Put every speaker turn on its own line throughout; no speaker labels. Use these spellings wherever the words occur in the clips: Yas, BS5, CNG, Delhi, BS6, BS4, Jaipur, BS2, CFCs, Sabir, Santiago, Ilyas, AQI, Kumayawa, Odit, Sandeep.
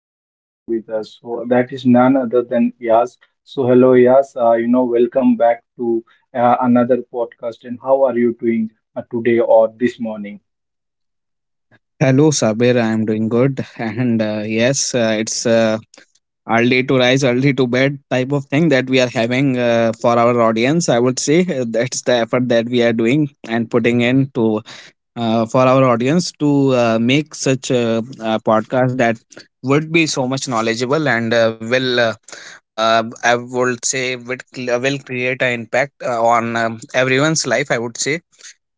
podcasts along with us. So that is none other than Yas. So hello, Yas. Welcome back to another podcast. And how are you doing today or this morning?
Hello, Sabir. I'm doing good. And yes, it's early to rise, early to bed type of thing that we are having for our audience. I would say. That's the effort that we are doing and putting in to, for our audience to make such a podcast that would be so much knowledgeable and will I would say would will create an impact on everyone's life. I would say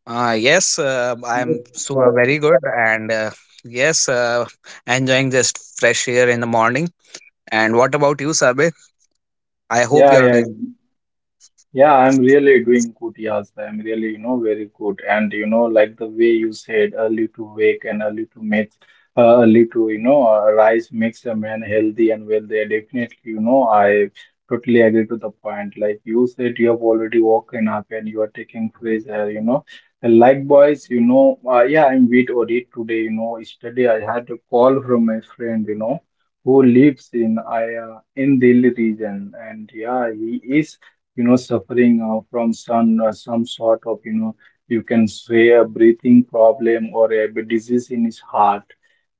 yes,
Yes.
I'm so very good, and yes, enjoying just fresh air in the morning. And what about you, Sabir? I hope
Yeah,
you're
yeah,
doing.
Yeah, I'm really doing good, Yas. I'm really, you know, very good. And, you know, like the way you said, early to wake and early to make, early to, rise makes a man healthy and wealthy. Definitely, you know, I totally agree to the point. Like you said, you have already woken up and you are taking fresh air, you know. And likewise, yeah, I'm with Odit today, you know, yesterday I had a call from my friend, you know, who lives in I in Delhi region, and yeah, he is, you know, suffering from some sort of, you know, you can say a breathing problem or a disease in his heart.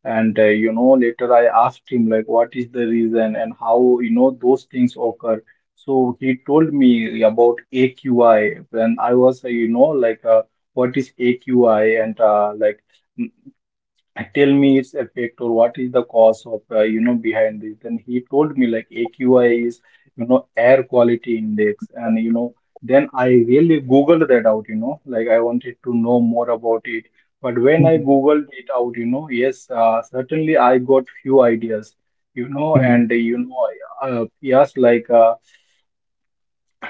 And you know, later I asked him like what is the reason and how, you know, those things occur. So he told me about AQI. When I was you know, like what is AQI, and like tell me its effect or what is the cause of, you know, behind this. Then he told me like AQI is, you know, air quality index. And, you know, then I really googled that out, you know, like I wanted to know more about it. But when I googled it out, you know, yes, certainly I got few ideas, you know and you know yes like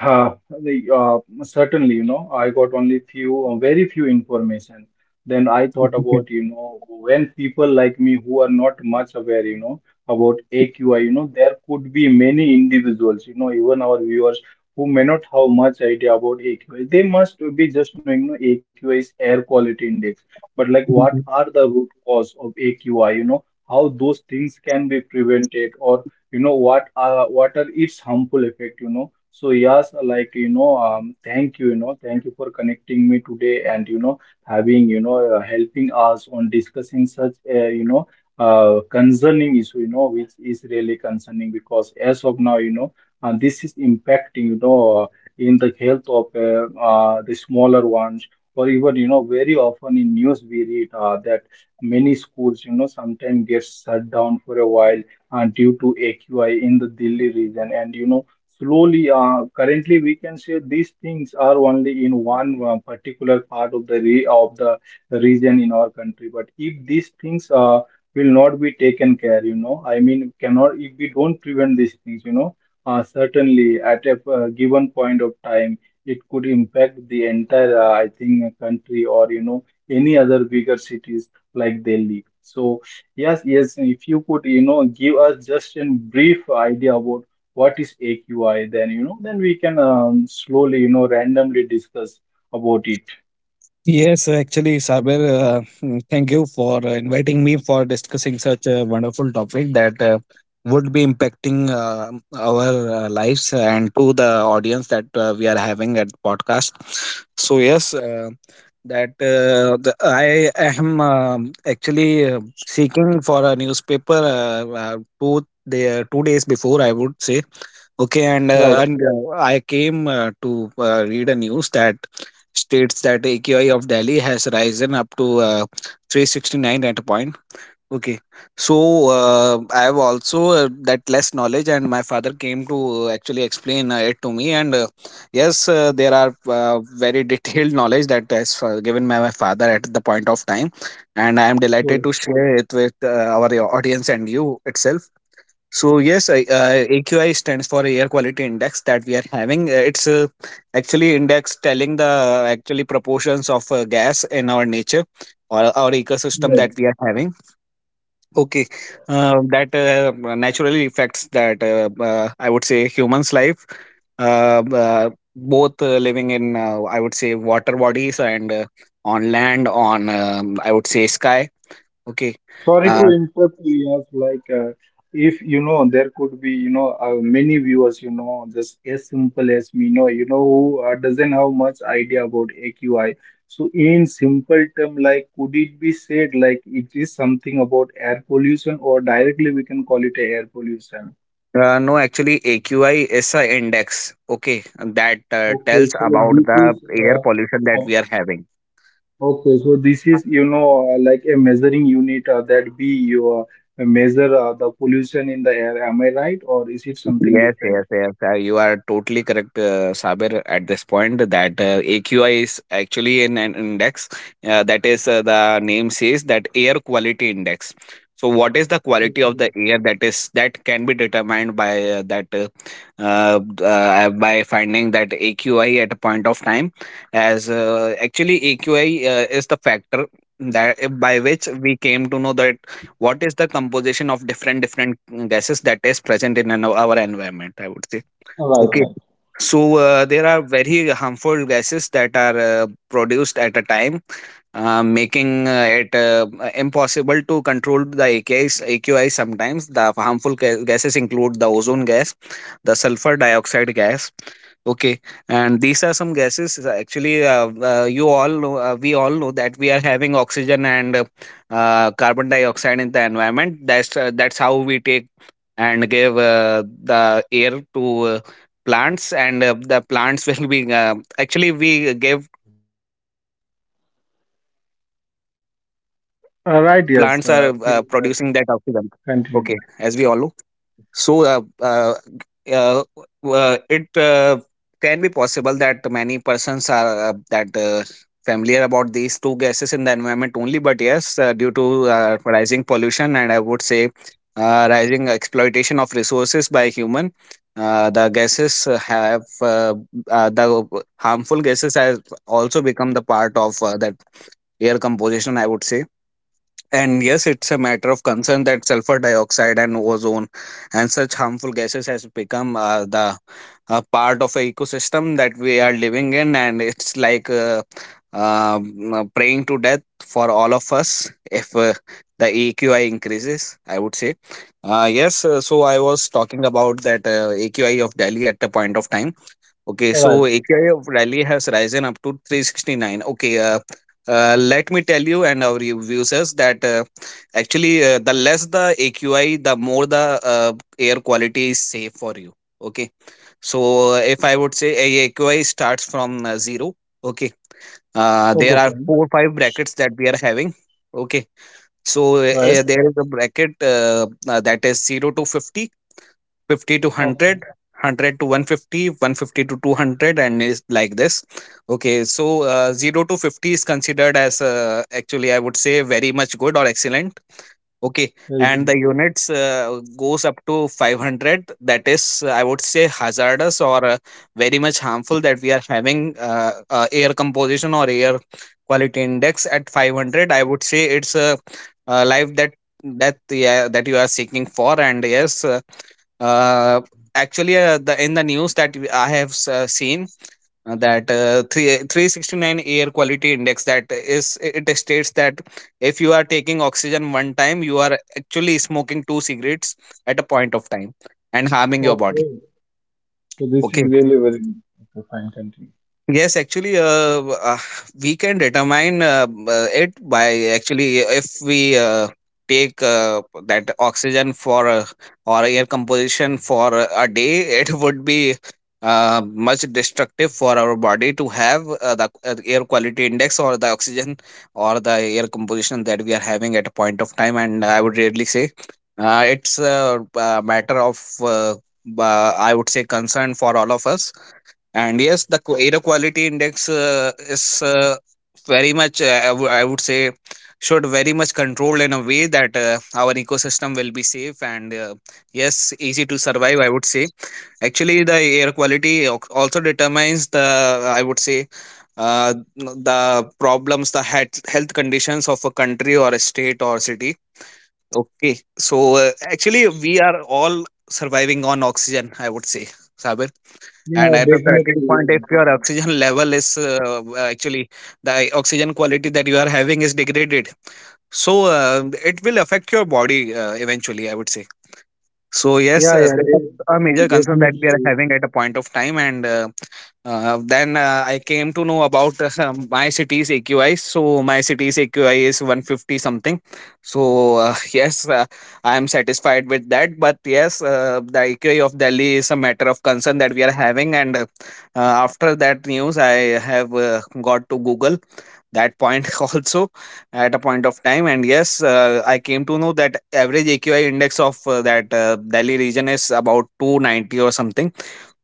uh, the, certainly, you know, I got only few, very few information. Then I thought about, you know, when people like me who are not much aware, you know, about AQI, you know, there could be many individuals, you know, even our viewers who may not have much idea about AQI. They must be just knowing, you know, AQI is air quality index. But like, what are the root cause of AQI, you know, how those things can be prevented or, you know, what are its harmful effect, you know. So yes, like, you know, thank you, you know, thank you for connecting me today and, you know, having, you know, helping us on discussing such, you know, concerning issue, you know, which is really concerning because as of now, you know, this is impacting, you know, in the health of the smaller ones, or even, you know, very often in news we read that many schools, you know, sometimes get shut down for a while due to AQI in the Delhi region. And you know, slowly, currently, we can say these things are only in one particular part of the of the region in our country. But if these things will not be taken care, you know, I mean, cannot if we don't prevent these things, you know, certainly at a, given point of time, it could impact the entire, I think, country or, you know, any other bigger cities like Delhi. So yes, yes. If you could, you know, give us just a brief idea about what is AQI, then, you know, then we can slowly, you know, randomly discuss about it.
Yes, actually, Saber, thank you for inviting me for discussing such a wonderful topic that would be impacting our lives and to the audience that we are having at podcast. So yes, I am actually seeking for a newspaper, 2 days before I would say. Okay,
Right.
and I came to read a news that states that AQI of Delhi has risen up to 369 at a point. Okay, so I have also that less knowledge, and my father came to actually explain it to me. And yes, there are very detailed knowledge that is given by my father at the point of time, and I am
Sure.
delighted to share it with our audience and you itself. So yes, AQI stands for Air Quality Index that we are having. It's actually index telling the actually proportions of gas in our nature or our ecosystem that we are having. Okay, that naturally affects that, I would say, humans' life, both living in, I would say, water bodies and on land, on, I would say, sky. Okay.
Sorry to
Uh,
interrupt, Ilyas. Like, if you know, there could be, you know, many viewers, you know, just as simple as me, you know, who doesn't have much idea about AQI. So, in simple term, like, could it be said like it is something about air pollution, or directly we can call it a air pollution?
No, actually, AQI is a index, okay, that
Okay,
tells
so
about
this
the
is
air
uh,
pollution that we are having.
Okay, so this is, you know, like a measuring unit that we you measure the pollution in the air. Am I right, or is it something
Yes, yes,
different?
yes. You are totally correct, Saber, at this point that AQI is actually in an index. That is, the name says that air quality index. So, what is the quality of the air that is that can be determined by that by finding that AQI at a point of time? As actually, AQI is the factor that by which we came to know that what is the composition of different different gases that is present in an, our environment, I would say.
Right,
Okay.
right,
So there are very harmful gases that are produced at a time, making it impossible to control the AQI sometimes. The harmful gases include the ozone gas, the sulfur dioxide gas. Okay, and these are some gases. Actually, we all know that we are having oxygen and carbon dioxide in the environment. That's how we take and give the air to plants and the plants will be actually we give CO2 carbon dioxide to the plants and plants are
Right,
producing that
yes. Uh,
oxygen,
please uh,
okay, as we all know.
continue.
So uh, it can be possible that many persons are that familiar about these two gases in the environment only. But yes, due to rising pollution and I would say rising exploitation of resources by human, uh, the gases have uh, the harmful gases has also become the part of that air composition, I would say. And yes, it's a matter of concern that sulfur dioxide and ozone and such harmful gases has become the part of a ecosystem that we are living in, and it's like praying to death for all of us if the AQI increases, I would say. Yes. So I was talking about that AQI of Delhi at the point of time. Okay,
Right.
so AKI of Rally has risen up to 369. Okay, let me tell you and our users that actually the less the AQI, the more the air quality is safe for you. Okay, so if I would say a AQI starts from zero, okay, there
Okay,
are
fine.
four five brackets that we are having. Okay, so
Right.
there is a bracket, that is zero to 50, 50 to
Okay,
100 to 150, 150 to 200, and is like this. Okay, so 0 to 50 is considered as, actually, I would say, very much good or excellent. Okay,
very
and
true.
the units goes up to 500, that is, I would say, hazardous or very much harmful that we are having, air composition or air quality index at 500, I would say. It's a, life that yeah, that you are seeking for. And yes, uh actually the in the news that I have seen that, 369 air quality index, that is, it states that if you are taking oxygen one time, you are actually smoking two cigarettes at a point of time, and harming your body,
Okay, so this is
okay.
really very good. Okay, fine, continue.
Yes, actually, we can determine it by, actually, if we take that oxygen for, or air composition for a day, it would be much destructive for our body to have the air quality index or the oxygen or the air composition that we are having at a point of time. And I would really say it's a matter of, I would say, concern for all of us. And yes, the air quality index is very much, I would say, should very much controlled in a way that our ecosystem will be safe and yes, easy to survive, I would say. Actually, the air quality also determines the, I would say, uh, the problems, the health conditions of a country or a state or city. Okay. So actually, we are all surviving on oxygen, I would say, Sabir.
Yeah,
And at a certain point, if
definitely.
your oxygen level is, actually, the oxygen quality that you are having is degraded, so it will affect your body eventually, I would say. So yes,
Yeah, yeah, yeah,
this is
de-
a major concern that we are
definitely.
having at a point of time. And then I came to know about my city's AQI. So my city's AQI is 150 something. So yes, I am satisfied with that. But yes, the AQI of Delhi is a matter of concern that we are having. And after that news, I have got to Google that point also at a point of time. And yes, I came to know that average aqi index of that delhi region is about 290 or something.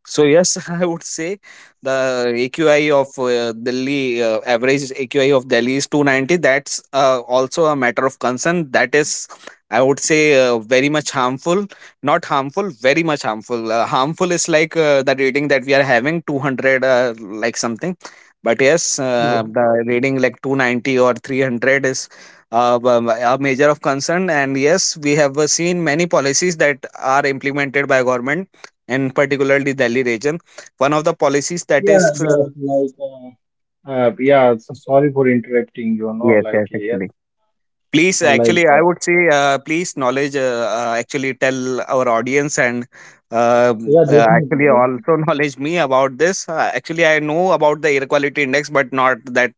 So yes, I would say the AQI of uh, Delhi uh, average AQI of Delhi is 290. That's also a matter of concern. That is, I would say, very much harmful. Not harmful, very much harmful. Harmful is like the rating that we are having 200, like something. But yes,
So,
the rating like 290 or 300 is, a major of concern. And yes, we have seen many policies that are implemented by government, and particularly Delhi region. One of the policies that
yeah,
is,
just like. Yeah, so sorry for interrupting, you know,
yes,
like,
yes,
yes.
actually. Please,
Uh, Like,
actually, I
uh,
would say, please, knowledge. Actually, tell our audience and uh,
yeah,
actually
definitely.
also knowledge me about this. Actually, I know about the air quality index, but not that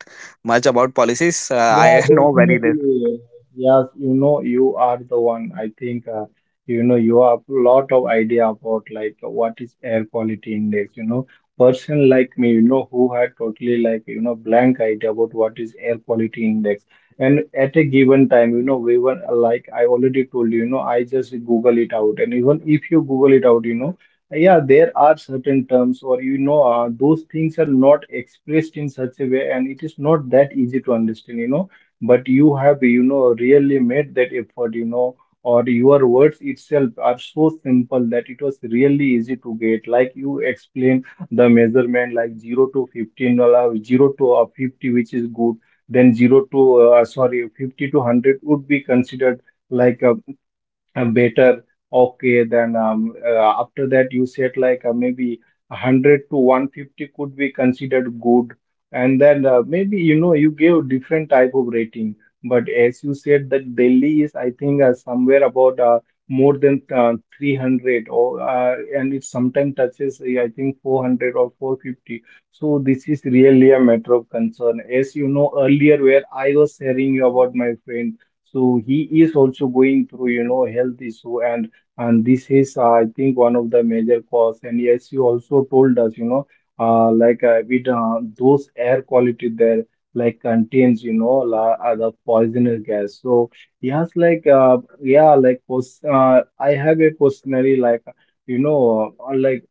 much about policies.
Yeah,
I know very less.
definitely. Yes, you know, you are the one. I think, you know, you have a lot of idea about like what is air quality index, you know. Person like me, you know, who had totally like, you know, blank idea about what is air quality index. And at a given time, you know, we were like, I already told you, you know, I just Google it out. And even if you Google it out, you know, yeah, there are certain terms, or you know, those things are not expressed in such a way, and it is not that easy to understand, you know. But you have, you know, really made that effort, you know, or your words itself are so simple that it was really easy to get. Like you explain the measurement, like 0 to 15, allow 0 to 50, which is good, then 0 to, sorry, 50 to 100 would be considered like a better. Okay then After that you said like maybe 100 to 150 could be considered good, and then maybe, you know, you gave different type of rating. But as you said that Delhi is, I think, somewhere about, more than, 300, or and it sometimes touches, I think, 400 or 450. So this is really a matter of concern. As you know, earlier where I was sharing you about my friend, so he is also going through, you know, health issue. And and this is, I think, one of the major cause. And yes, you also told us, you know, with, those air quality there, like contains, you know, the poisonous gas. So yes, yeah, like I have a questionnaire like, you know,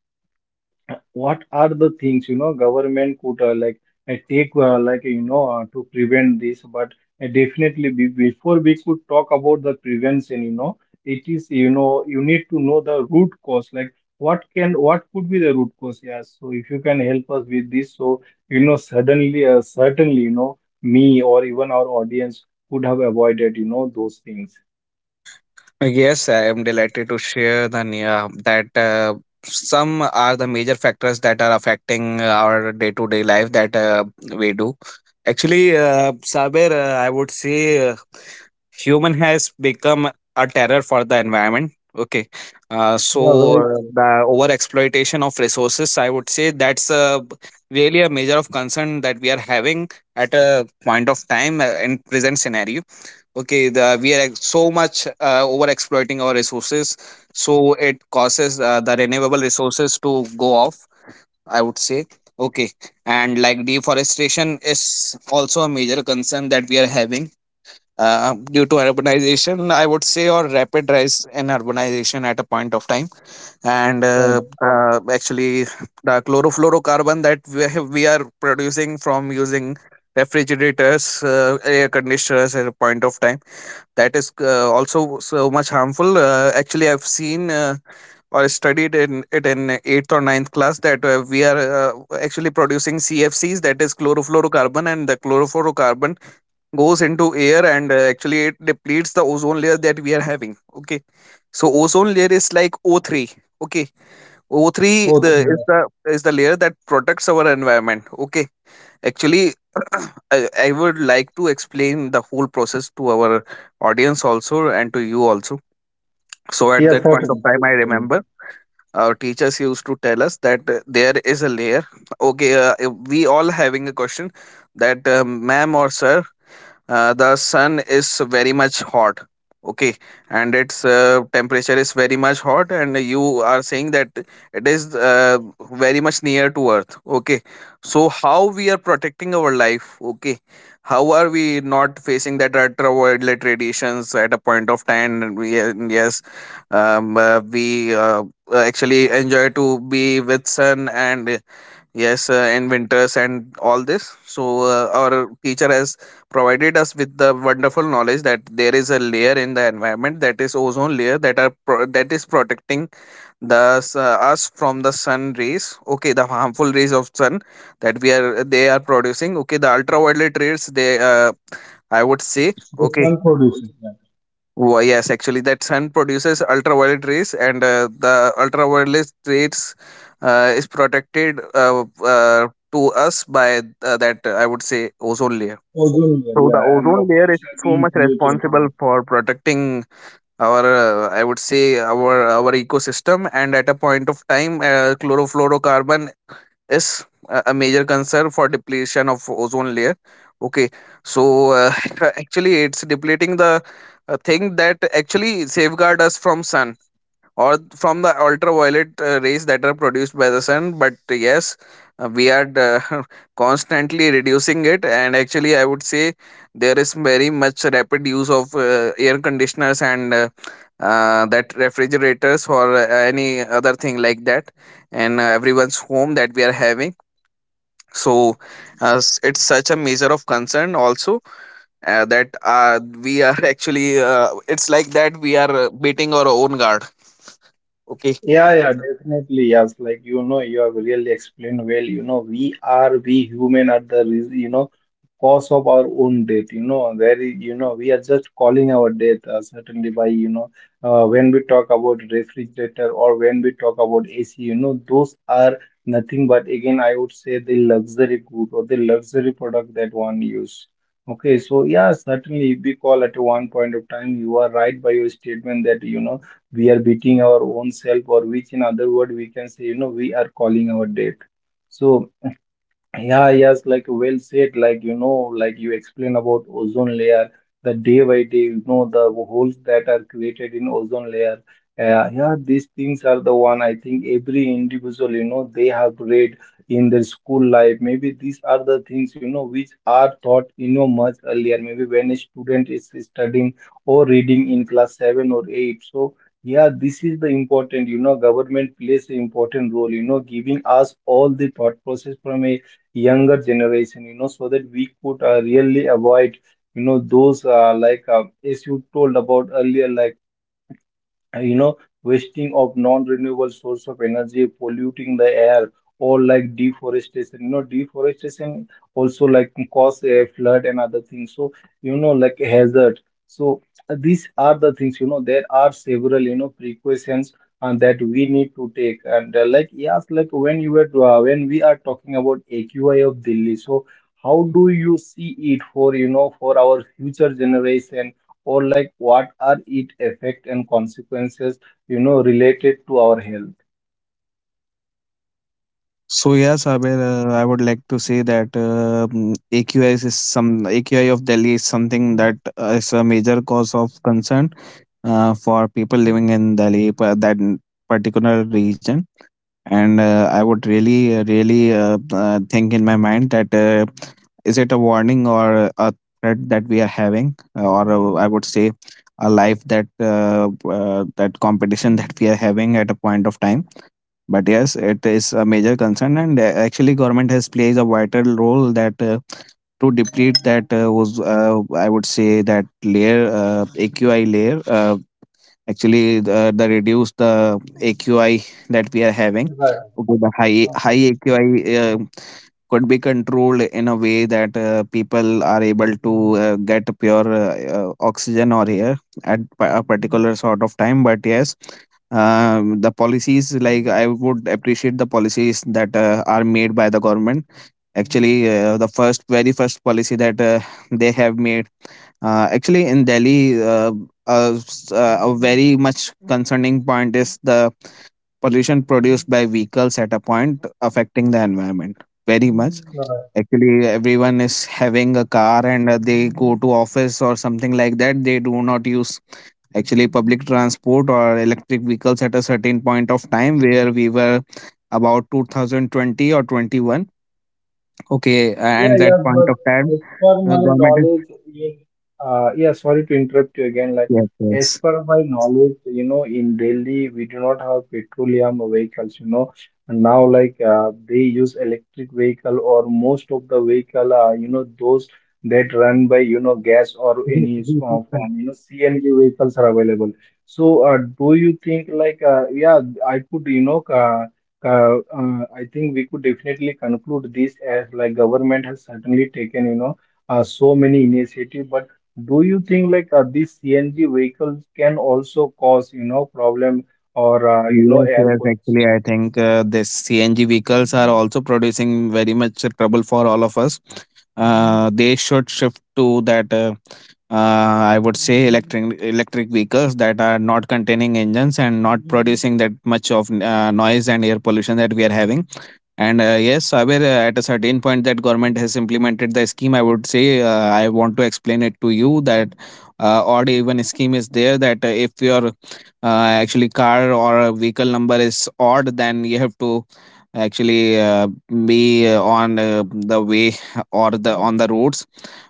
what are the things, you know, government could, like take, you know, to prevent this. But definitely, before we could talk about the prevention, you know, it is, you know, you need to know the root cause, like what can what could be the root cause. Yes, so if you can help us with this, so, you know, suddenly certainly, you know, me or even our audience could have avoided, you know, those things.
Yes, I am delighted to share the yeah, that, some are the major factors that are affecting our day to day life that we do. Actually, Saber, I would say human has become a terror for the environment, okay.
Yeah,
So
very true.
the over exploitation of resources, I would say, that's really a major of concern that we are having at a point of time, in present scenario. Okay, we are so much over exploiting our resources, so it causes the renewable resources to go off, I would say. Okay, and like deforestation is also a major concern that we are having due to urbanization, I would say, or rapid rise in urbanization at a point of time. And
Right.
Actually, the chlorofluorocarbon that we are producing from using refrigerators, air conditioners at a point of time, that is also so much harmful. Actually, I've seen or studied in it in eighth or ninth class that we are actually producing CFCs, that is chlorofluorocarbon, and the chlorofluorocarbon goes into air and actually it depletes the ozone layer that we are having. Okay, so ozone layer is like O three. Okay, O three
Oh,
the is the is the layer that protects our environment. Okay, actually I would like to explain the whole process to our audience also and to you also. So at
yeah,
that point of
certainly.
time I remember our teachers used to tell us that there is a layer. Okay, if we all having a question that ma'am or sir, the sun is very much hot. Okay, and its temperature is very much hot and you are saying that it is very much near to earth. Okay, so how we are protecting our life? Okay, how are we not facing that ultraviolet radiations at a point of time? And yes, we actually enjoy to be with sun and yes, in winters and all this. So our teacher has provided us with the wonderful knowledge that there is a layer in the environment, that is ozone layer, that is protecting us from the sun rays. Okay, the harmful rays of sun that we are they are producing. Okay, the ultraviolet rays, they I would say.
They
Okay,
can produce it.
well, yes, actually, that sun produces ultraviolet rays, and the ultraviolet rays is protected to us by that I would say ozone layer.
Ozone layer,
So the
yeah, and
ozone layer is
opposition
so
being
much responsible
created.
for protecting our, I would say, our ecosystem. And at a point of time, chlorofluorocarbon is a major concern for depletion of ozone layer. Okay, so uh, actually it's depleting the thing that actually safeguard us from sun or from the ultraviolet rays that are produced by the sun. But yes, we are constantly reducing it, and actually I would say there is very much rapid use of air conditioners and that refrigerators or any other thing like that in everyone's home that we are having. So it's such a measure of concern also, that we are actually it's like that we are beating our own guard. Okay,
Yeah, yeah, definitely. Yes, like, you know, you have really explained well. You know, we are, we human at the you know, cause of our own death. You know, very, you know, we are just calling our death, certainly, by, you know, when we talk about refrigerator or when we talk about AC. You know, those are nothing but again I would say the luxury good or the luxury product that one use. Okay, so yeah, certainly if we call at one point of time. You are right by your statement that, you know, we are beating our own self, or which in other word we can say, you know, we are calling our debt. So yeah, yes, like well said, like, you know, like you explained about ozone layer, the day by day, you know, the holes that are created in ozone layer. Yeah, these things are the one I think every individual, you know, they have read in their school life. Maybe these are the things, you know, which are taught, you know, much earlier. Maybe when a student is studying or reading in class seven or eight. This is the important, government plays an important role, giving us all the thought process from a younger generation, so that we could really avoid those as you told about earlier, uh, you know wasting of non-renewable source of energy, polluting the air, or like deforestation you know deforestation also, like, cause a flood and other things. Hazard. so these are the things, there are several, precautions and that we need to take. And yes, like when you were when we are talking about AQI of Delhi, so how do you see it for, for our future generation, or like what are its effect and consequences, related to our health?
so yeah, Saber, I would like to say that AQI is some AQI of Delhi is something that is a major cause of concern for people living in Delhi, that particular region. And I would really really think in my mind that is it a warning or a threat that we are having, or I would say a life, that that competition that we are having at a point of time? But yes, it is a major concern, and actually government has plays a vital role that to deplete that was I would say that layer, AQI layer, actually the reduce the AQI that we are having.
Right.
Okay, the high
Okay.
AQI could be controlled in a way that people are able to get pure oxygen or air at a particular sort of time. But yes, the policies, like I would appreciate the policies that are made by the government. Actually, the first very first policy that they have made, actually, in Delhi, a very much concerning point is the pollution produced by vehicles at a point affecting the environment very much. Mm.
You're right.
Actually, everyone is having a car and they go to office or something like that. They do not use actually public transport or electric vehicles at a certain point of time where we were about 2020 or 21. Okay,
Yeah,
and that
yeah,
point
but
of time,
as per my
government is
knowledge, yeah, yeah, sorry to interrupt you again. Like, as
yes,
per my knowledge, in Delhi, we do not have petroleum vehicles, you know. And now, like, they use electric vehicle, or most of the vehicle are, those that run by, gas or any small
yes.
form, CNG vehicles are available. So, do you think, yeah, I could, I think we could definitely conclude this as like government has certainly taken, so many initiative. But do you think like these CNG vehicles can also cause, problem, or
Yes,
air
yes. Actually, I
pollution?
think the CNG vehicles are also producing very much trouble for all of us. They should shift to that. I would say electric vehicles that are not containing engines and not producing that much of noise and air pollution that we are having. And, yes, Saber, at a certain point that government has implemented the scheme, I would say, I want to explain it to you that odd even scheme is there, that if your actually car or a vehicle number is odd, then you have to actually be on the way or the on the roads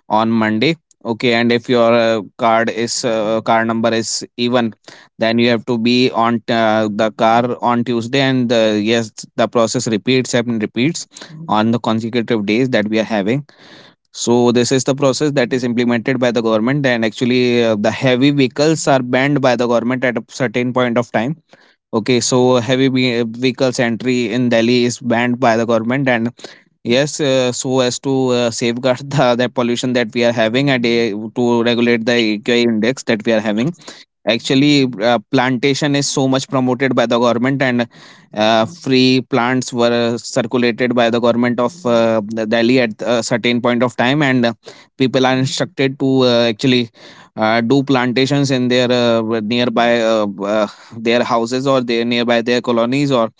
on Monday. Okay, and if your car number is even, then you have to be on the car on Tuesday, and yes, the process repeats and repeats on the consecutive days that we are having. So this is the process that is implemented by the government, and actually the heavy vehicles are banned by the government at a certain point of time. Okay, so heavy vehicles entry in Delhi is banned by the government. And yes, so as to safeguard the pollution that we are having and to regulate the AQI index that we are having, actually plantation is so much promoted by the government, and free plants were circulated by the government of the Delhi at a certain point of time. And people are instructed to actually do plantations in their nearby their houses or their nearby their colonies, or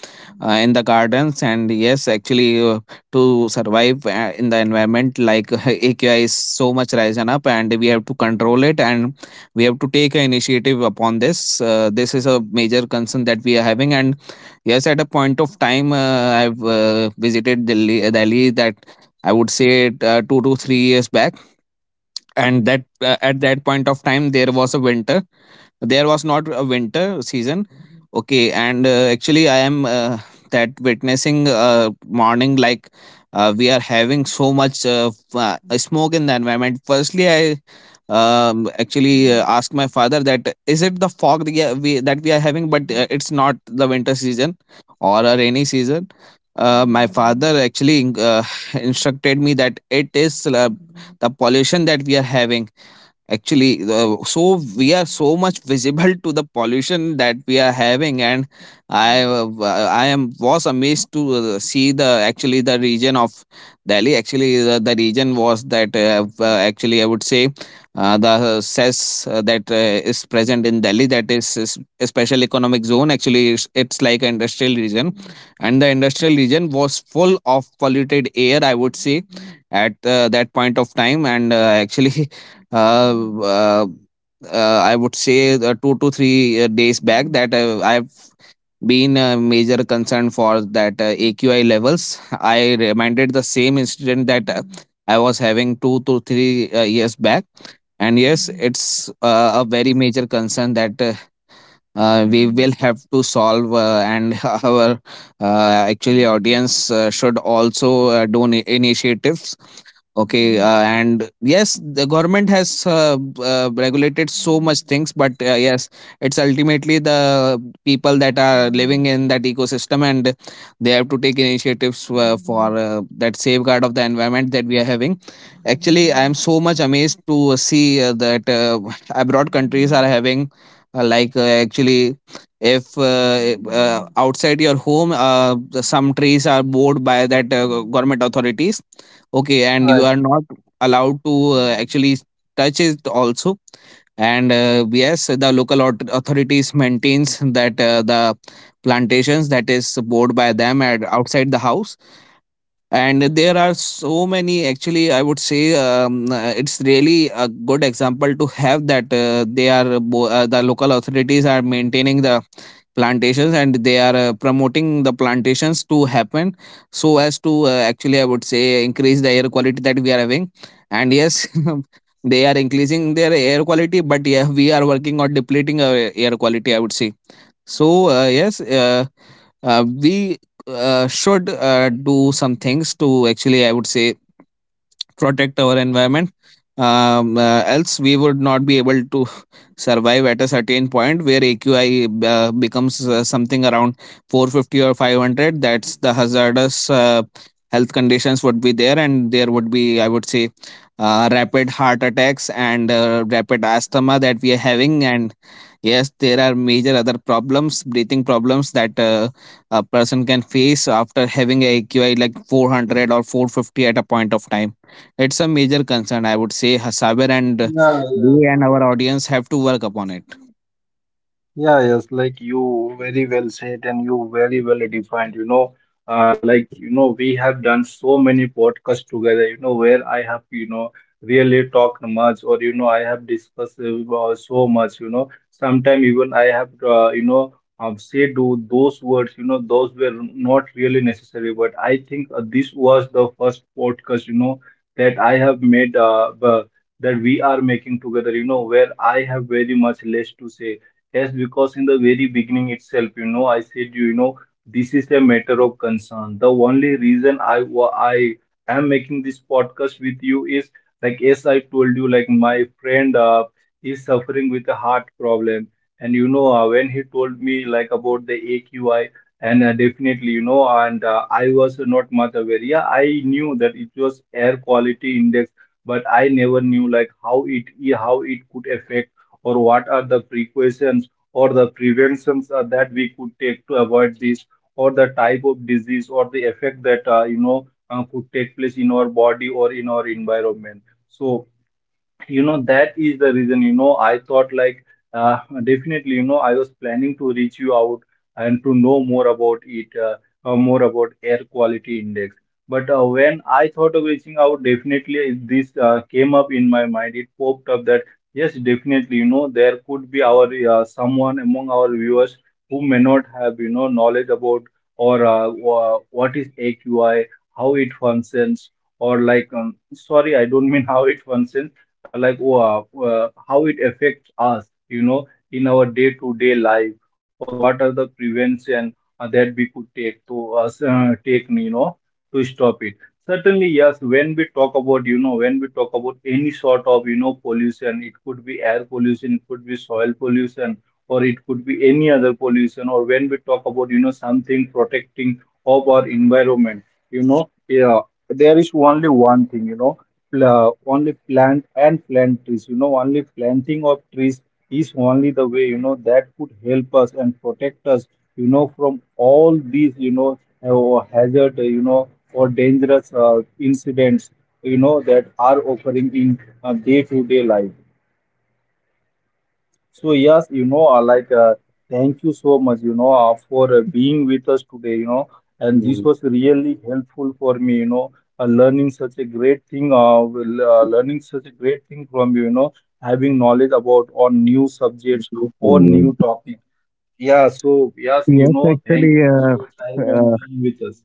in the gardens. And yes, actually to survive in the environment, like AQI is so much risen up and we have to control it, and we have to take an initiative upon this. This is a major concern that we are having. And yes, at a point of time, I've visited Delhi that I would say 2 to 3 years back. And that, at that point of time, there was not a winter season. Okay, and actually I am that witnessing morning, like we are having so much smoke in the environment. Firstly, I actually asked my father that is it the fog that we are having, but it's not the winter season or a rainy season. My father actually instructed me that it is the pollution that we are having. Actually, so we are so much visible to the pollution that we are having. And I uh, I am was amazed to see the actually the region of Delhi. Actually, the region was that actually I would say the cess that is present in Delhi, that is a special economic zone. Actually, it's like an industrial region, and the industrial region was full of polluted air, I would say, at that point of time. And actually uh, uh, uh, I would say two to three days back that I've been a major concern for that AQI levels. I reminded the same incident that I was having 2 to 3 years back. And yes, it's a very major concern that we will have to solve, and our actually audience should also do initiatives. Okay, and yes, the government has regulated so much things, but yes, it's ultimately the people that are living in that ecosystem, and they have to take initiatives for that safeguard of the environment that we are having. Actually, I am so much amazed to see that abroad countries are having, actually, if outside your home, some trees are bored by that government authorities. Okay, and
Right.
you are not allowed to actually touch it also. And Yes, the authorities maintains that the plantations that is bought by them at outside the house, and there are so many. Actually I would say It's really a good example to have that the local authorities are maintaining the plantations, and they are promoting the plantations to happen so as to actually I would say increase the air quality that we are having. And yes, they are increasing their air quality, but yeah, we are working on depleting our air quality, I would say. So, yes, we should do some things to, actually, I would say, protect our environment. Else, we would not be able to survive at a certain point where AQI becomes something around 450 or 500. That's the hazardous. Health conditions would be there, and there would be, I would say, rapid heart attacks and rapid asthma that we are having. And yes, there are major other problems, breathing problems that a person can face after having a AQI like 400 or 450 at a point of time. It's a major concern, I would say, Hasaber, and
Yeah.
we and our audience have to work upon it.
Yeah, yes, like you very well said, and you very well defined. You know, you know, we have done so many podcasts together. You know, where I have really talked much, or you know, I have discussed so much. You know, sometimes even I have, said those words. You know, those were not really necessary, but I think this was the first podcast. You know, that I have made. That we are making together. You know, where I have very much less to say. Yes, because in the very beginning itself, you know, I said, you know, this is a matter of concern. The only reason I am making this podcast with you is like, as I told you, like my friend is suffering with a heart problem, and you know, when he told me like about the AQI, and definitely, you know, and I was not much aware. Yeah, I knew that it was air quality index, but I never knew like how it could affect, or what are the precautions, or the preventions that we could take to avoid this, or the type of disease or the effect that could take place in our body or in our environment. so that is the reason, I thought like, uh, definitely, you know, I was planning to reach you out and to know more about it, more about air quality index. But when I thought of reaching out, definitely this came up in my mind, it popped up that yes, definitely, you know, there could be our, someone among our viewers who may not have, knowledge about, or what is AQI, how it functions, or like sorry, I don't mean how it functions, like how it affects us, you know, in our day-to-day life, or what are the prevention that we could take to us take, you know, to stop it. Certainly, yes, when we talk about, you know, when we talk about any sort of, you know, pollution, it could be air pollution, it could be soil pollution, or it could be any other pollution, or when we talk about, you know, something protecting of our environment, you know, yeah, there is only one thing, only plant and plant trees, you know, only planting of trees is only the way, you know, that could help us and protect us, from all these, hazard, or dangerous incidents, that are occurring in day to day life. So yes, you know, thank you so much, you know, for being with us today, you know, and this
Mm,
was really helpful for me, you know, learning such a great thing, will, learning such a great thing from you, you know, having knowledge about on new subjects
yes,
or new
Sandeep.
topic. Yeah, so yes, you
Yes,
know, thank you
actually,
for
uh,
your time and
uh,
being with us.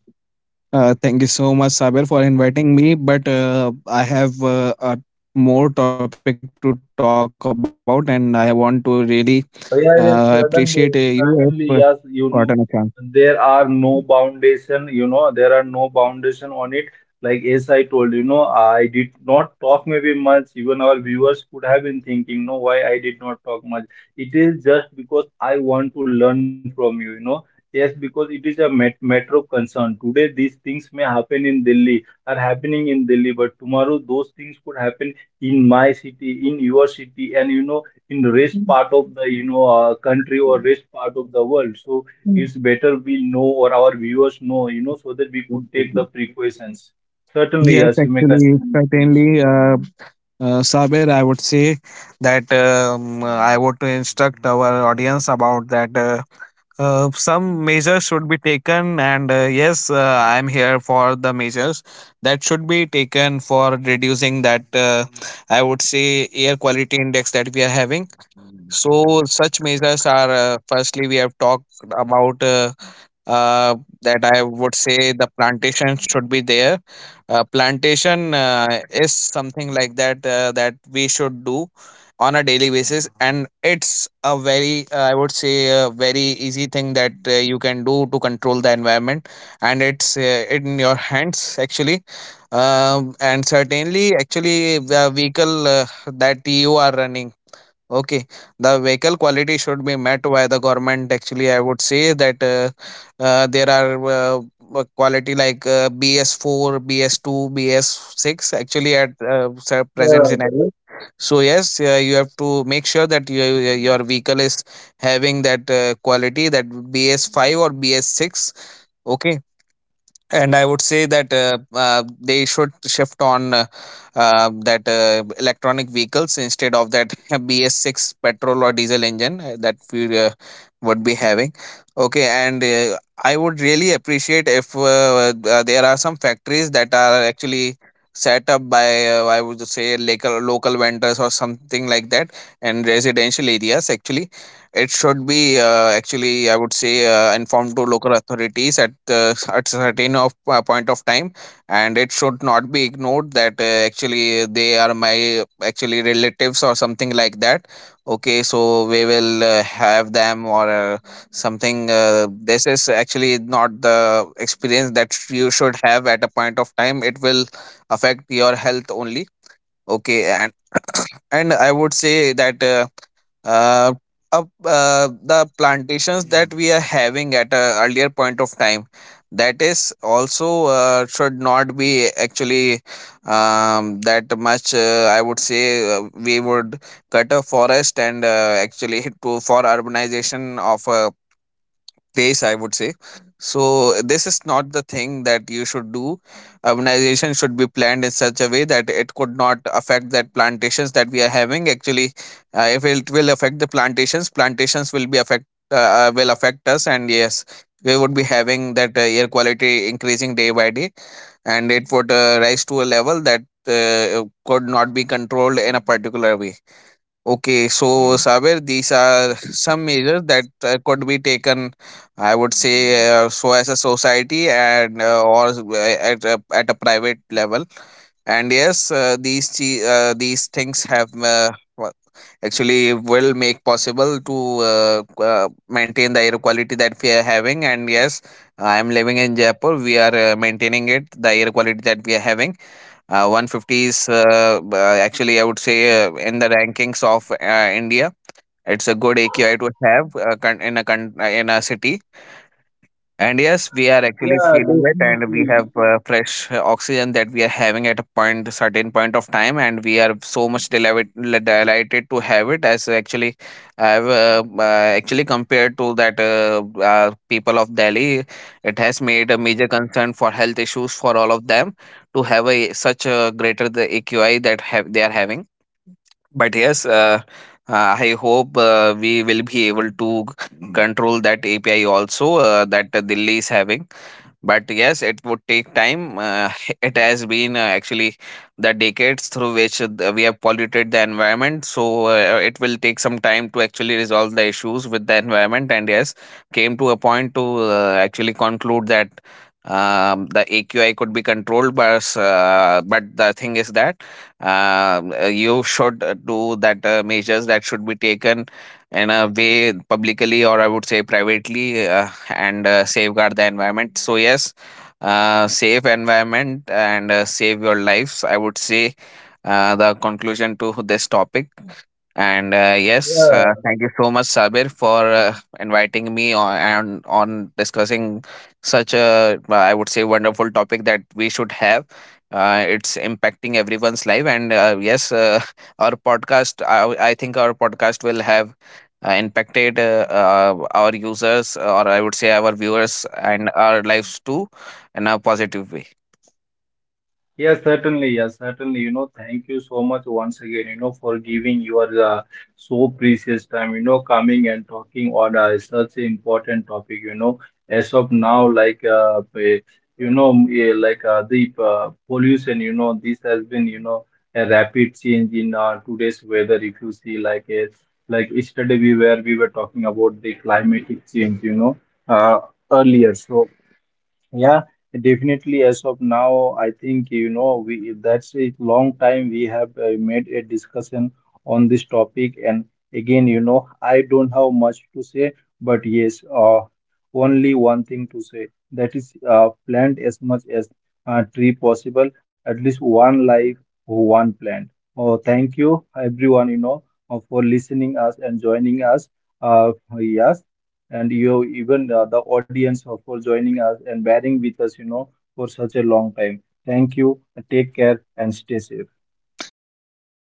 thank you so much, Saber, for inviting me. But I have a more topic to talk about, and I want to really
Oh,
appreciate
yeah, yeah,
you if
certainly, certainly,
gotten a
yes,
chance.
you know, there are no foundation, you know, there are no foundation on it. Like as I told, you know, I did not talk maybe much. Even our viewers could have been thinking, no, why I did not talk much. It is just because I want to learn from you, you know. Yes, because it is a met matter of concern. Today, these things may happen in Delhi, are happening in Delhi, but tomorrow those things could happen in my city, in your city, and you know, in the rest part of the, country, or rest part of the world.
Mm.
It's better we know, or our viewers know, you know, so that we could take the precautions. Certainly,
Yes,
yes, you may
actually,
continue, please.
certainly, uh, uh, Saber, I would say that, I want to instruct our audience about that. Some measures should be taken, and yes, I am here for the measures that should be taken for reducing that. I would say air quality index that we are having. So such measures are, firstly, we have talked about uh, that, I would say, the plantation should be there. Plantation is something like that that we should do on a daily basis, and it's a very, I would say, a very easy thing that you can do to control the environment, and it's in your hands, actually. And certainly, actually, the vehicle that you are running. Okay, the vehicle quality should be met by the government. Actually, I would say that, there are quality like BS4, BS2, BS6, actually, at
Yeah,
present
right.
scenario. So yes, you have to make sure that your vehicle is having that quality, that BS5 or BS6. Okay, and I would say that uh, they should shift on that electronic vehicles instead of that bs6 petrol or diesel engine that we would be having. Okay, and I would really appreciate if there are some factories that are actually set up by, I would say, local vendors or something like that, and residential areas. Actually, it should be, I would say, informed to local authorities at certain of point of time, and it should not be ignored that actually they are my actually relatives or something like that. Okay, so we will have them or something. This is actually not the experience that you should have at a point of time. It will affect your health only. Okay, and and I would say that. Uh, up The plantations that we are having at a earlier point of time, that is also should not be actually that much, I would say, we would cut a forest, and actually to for urbanization of a place, I would say. So this is not the thing that you should do. Urbanization should be planned in such a way that it could not affect that plantations that we are having, actually. If it will affect the plantations, plantations will affect us. And yes, we would be having that air quality increasing day by day, and it would rise to a level that could not be controlled in a particular way. Okay, so Saber, these are some measures that could be taken, I would say, so as a society and or at a private level. And yes, these things have actually will make possible to maintain the air quality that we are having. And yes, I am living in Jaipur. We are maintaining it, the air quality that we are having, 150 is, actually, I would say, in the rankings of India, it's a good AQI to have, in a city. And yes, we are actually
Yeah,
feeling it, and we have
definitely.
fresh oxygen that we are having at a point, certain point of time, and we are so much delighted, delighted to have it. As actually, I've actually compared to that people of Delhi, it has made a major concern for health issues for all of them to have a such a greater the AQI that have they are having. But yes, I hope we will be able to control that API also that Delhi is having. But yes, it would take time. It has been actually the decades through which we have polluted the environment. So it will take some time to actually resolve the issues with the environment. And yes, came to a point to actually conclude that, the AQI could be controlled. But the thing is that you should do that measures that should be taken in a way publicly, or I would say privately. And safeguard the environment. So yes, save environment and save your lives, I would say, the conclusion to this topic. And yes,
Yeah.
thank you so much, Sabir, for inviting me on and on discussing such a, I would say, wonderful topic that we should have. It's impacting everyone's life, and yes, our podcast. I think our podcast will have impacted our users, or I would say, our viewers and our lives too, in a positive way.
Yes, certainly. Yes, certainly. You know, thank you so much once again, you know, for giving your so precious time, you know, coming and talking on such an important topic, you know. As of now, the pollution, you know, this has been, you know, a rapid change in today's weather. If you see, like yesterday, we were talking about the climatic change, you know, uh, earlier. So, yeah, definitely. As of now, I think, you know, we that's a long time we have made a discussion on this topic, and again, you know, I don't have much to say, but yes, only one thing to say, that is plant as much as tree possible, at least one life, one plant. Oh, thank you, everyone, you know, for listening us and joining us. Uh, yes, and you even, the audience, for joining us and bearing with us, you know, for such a long time. Thank you, take care, and stay safe.
Thank you.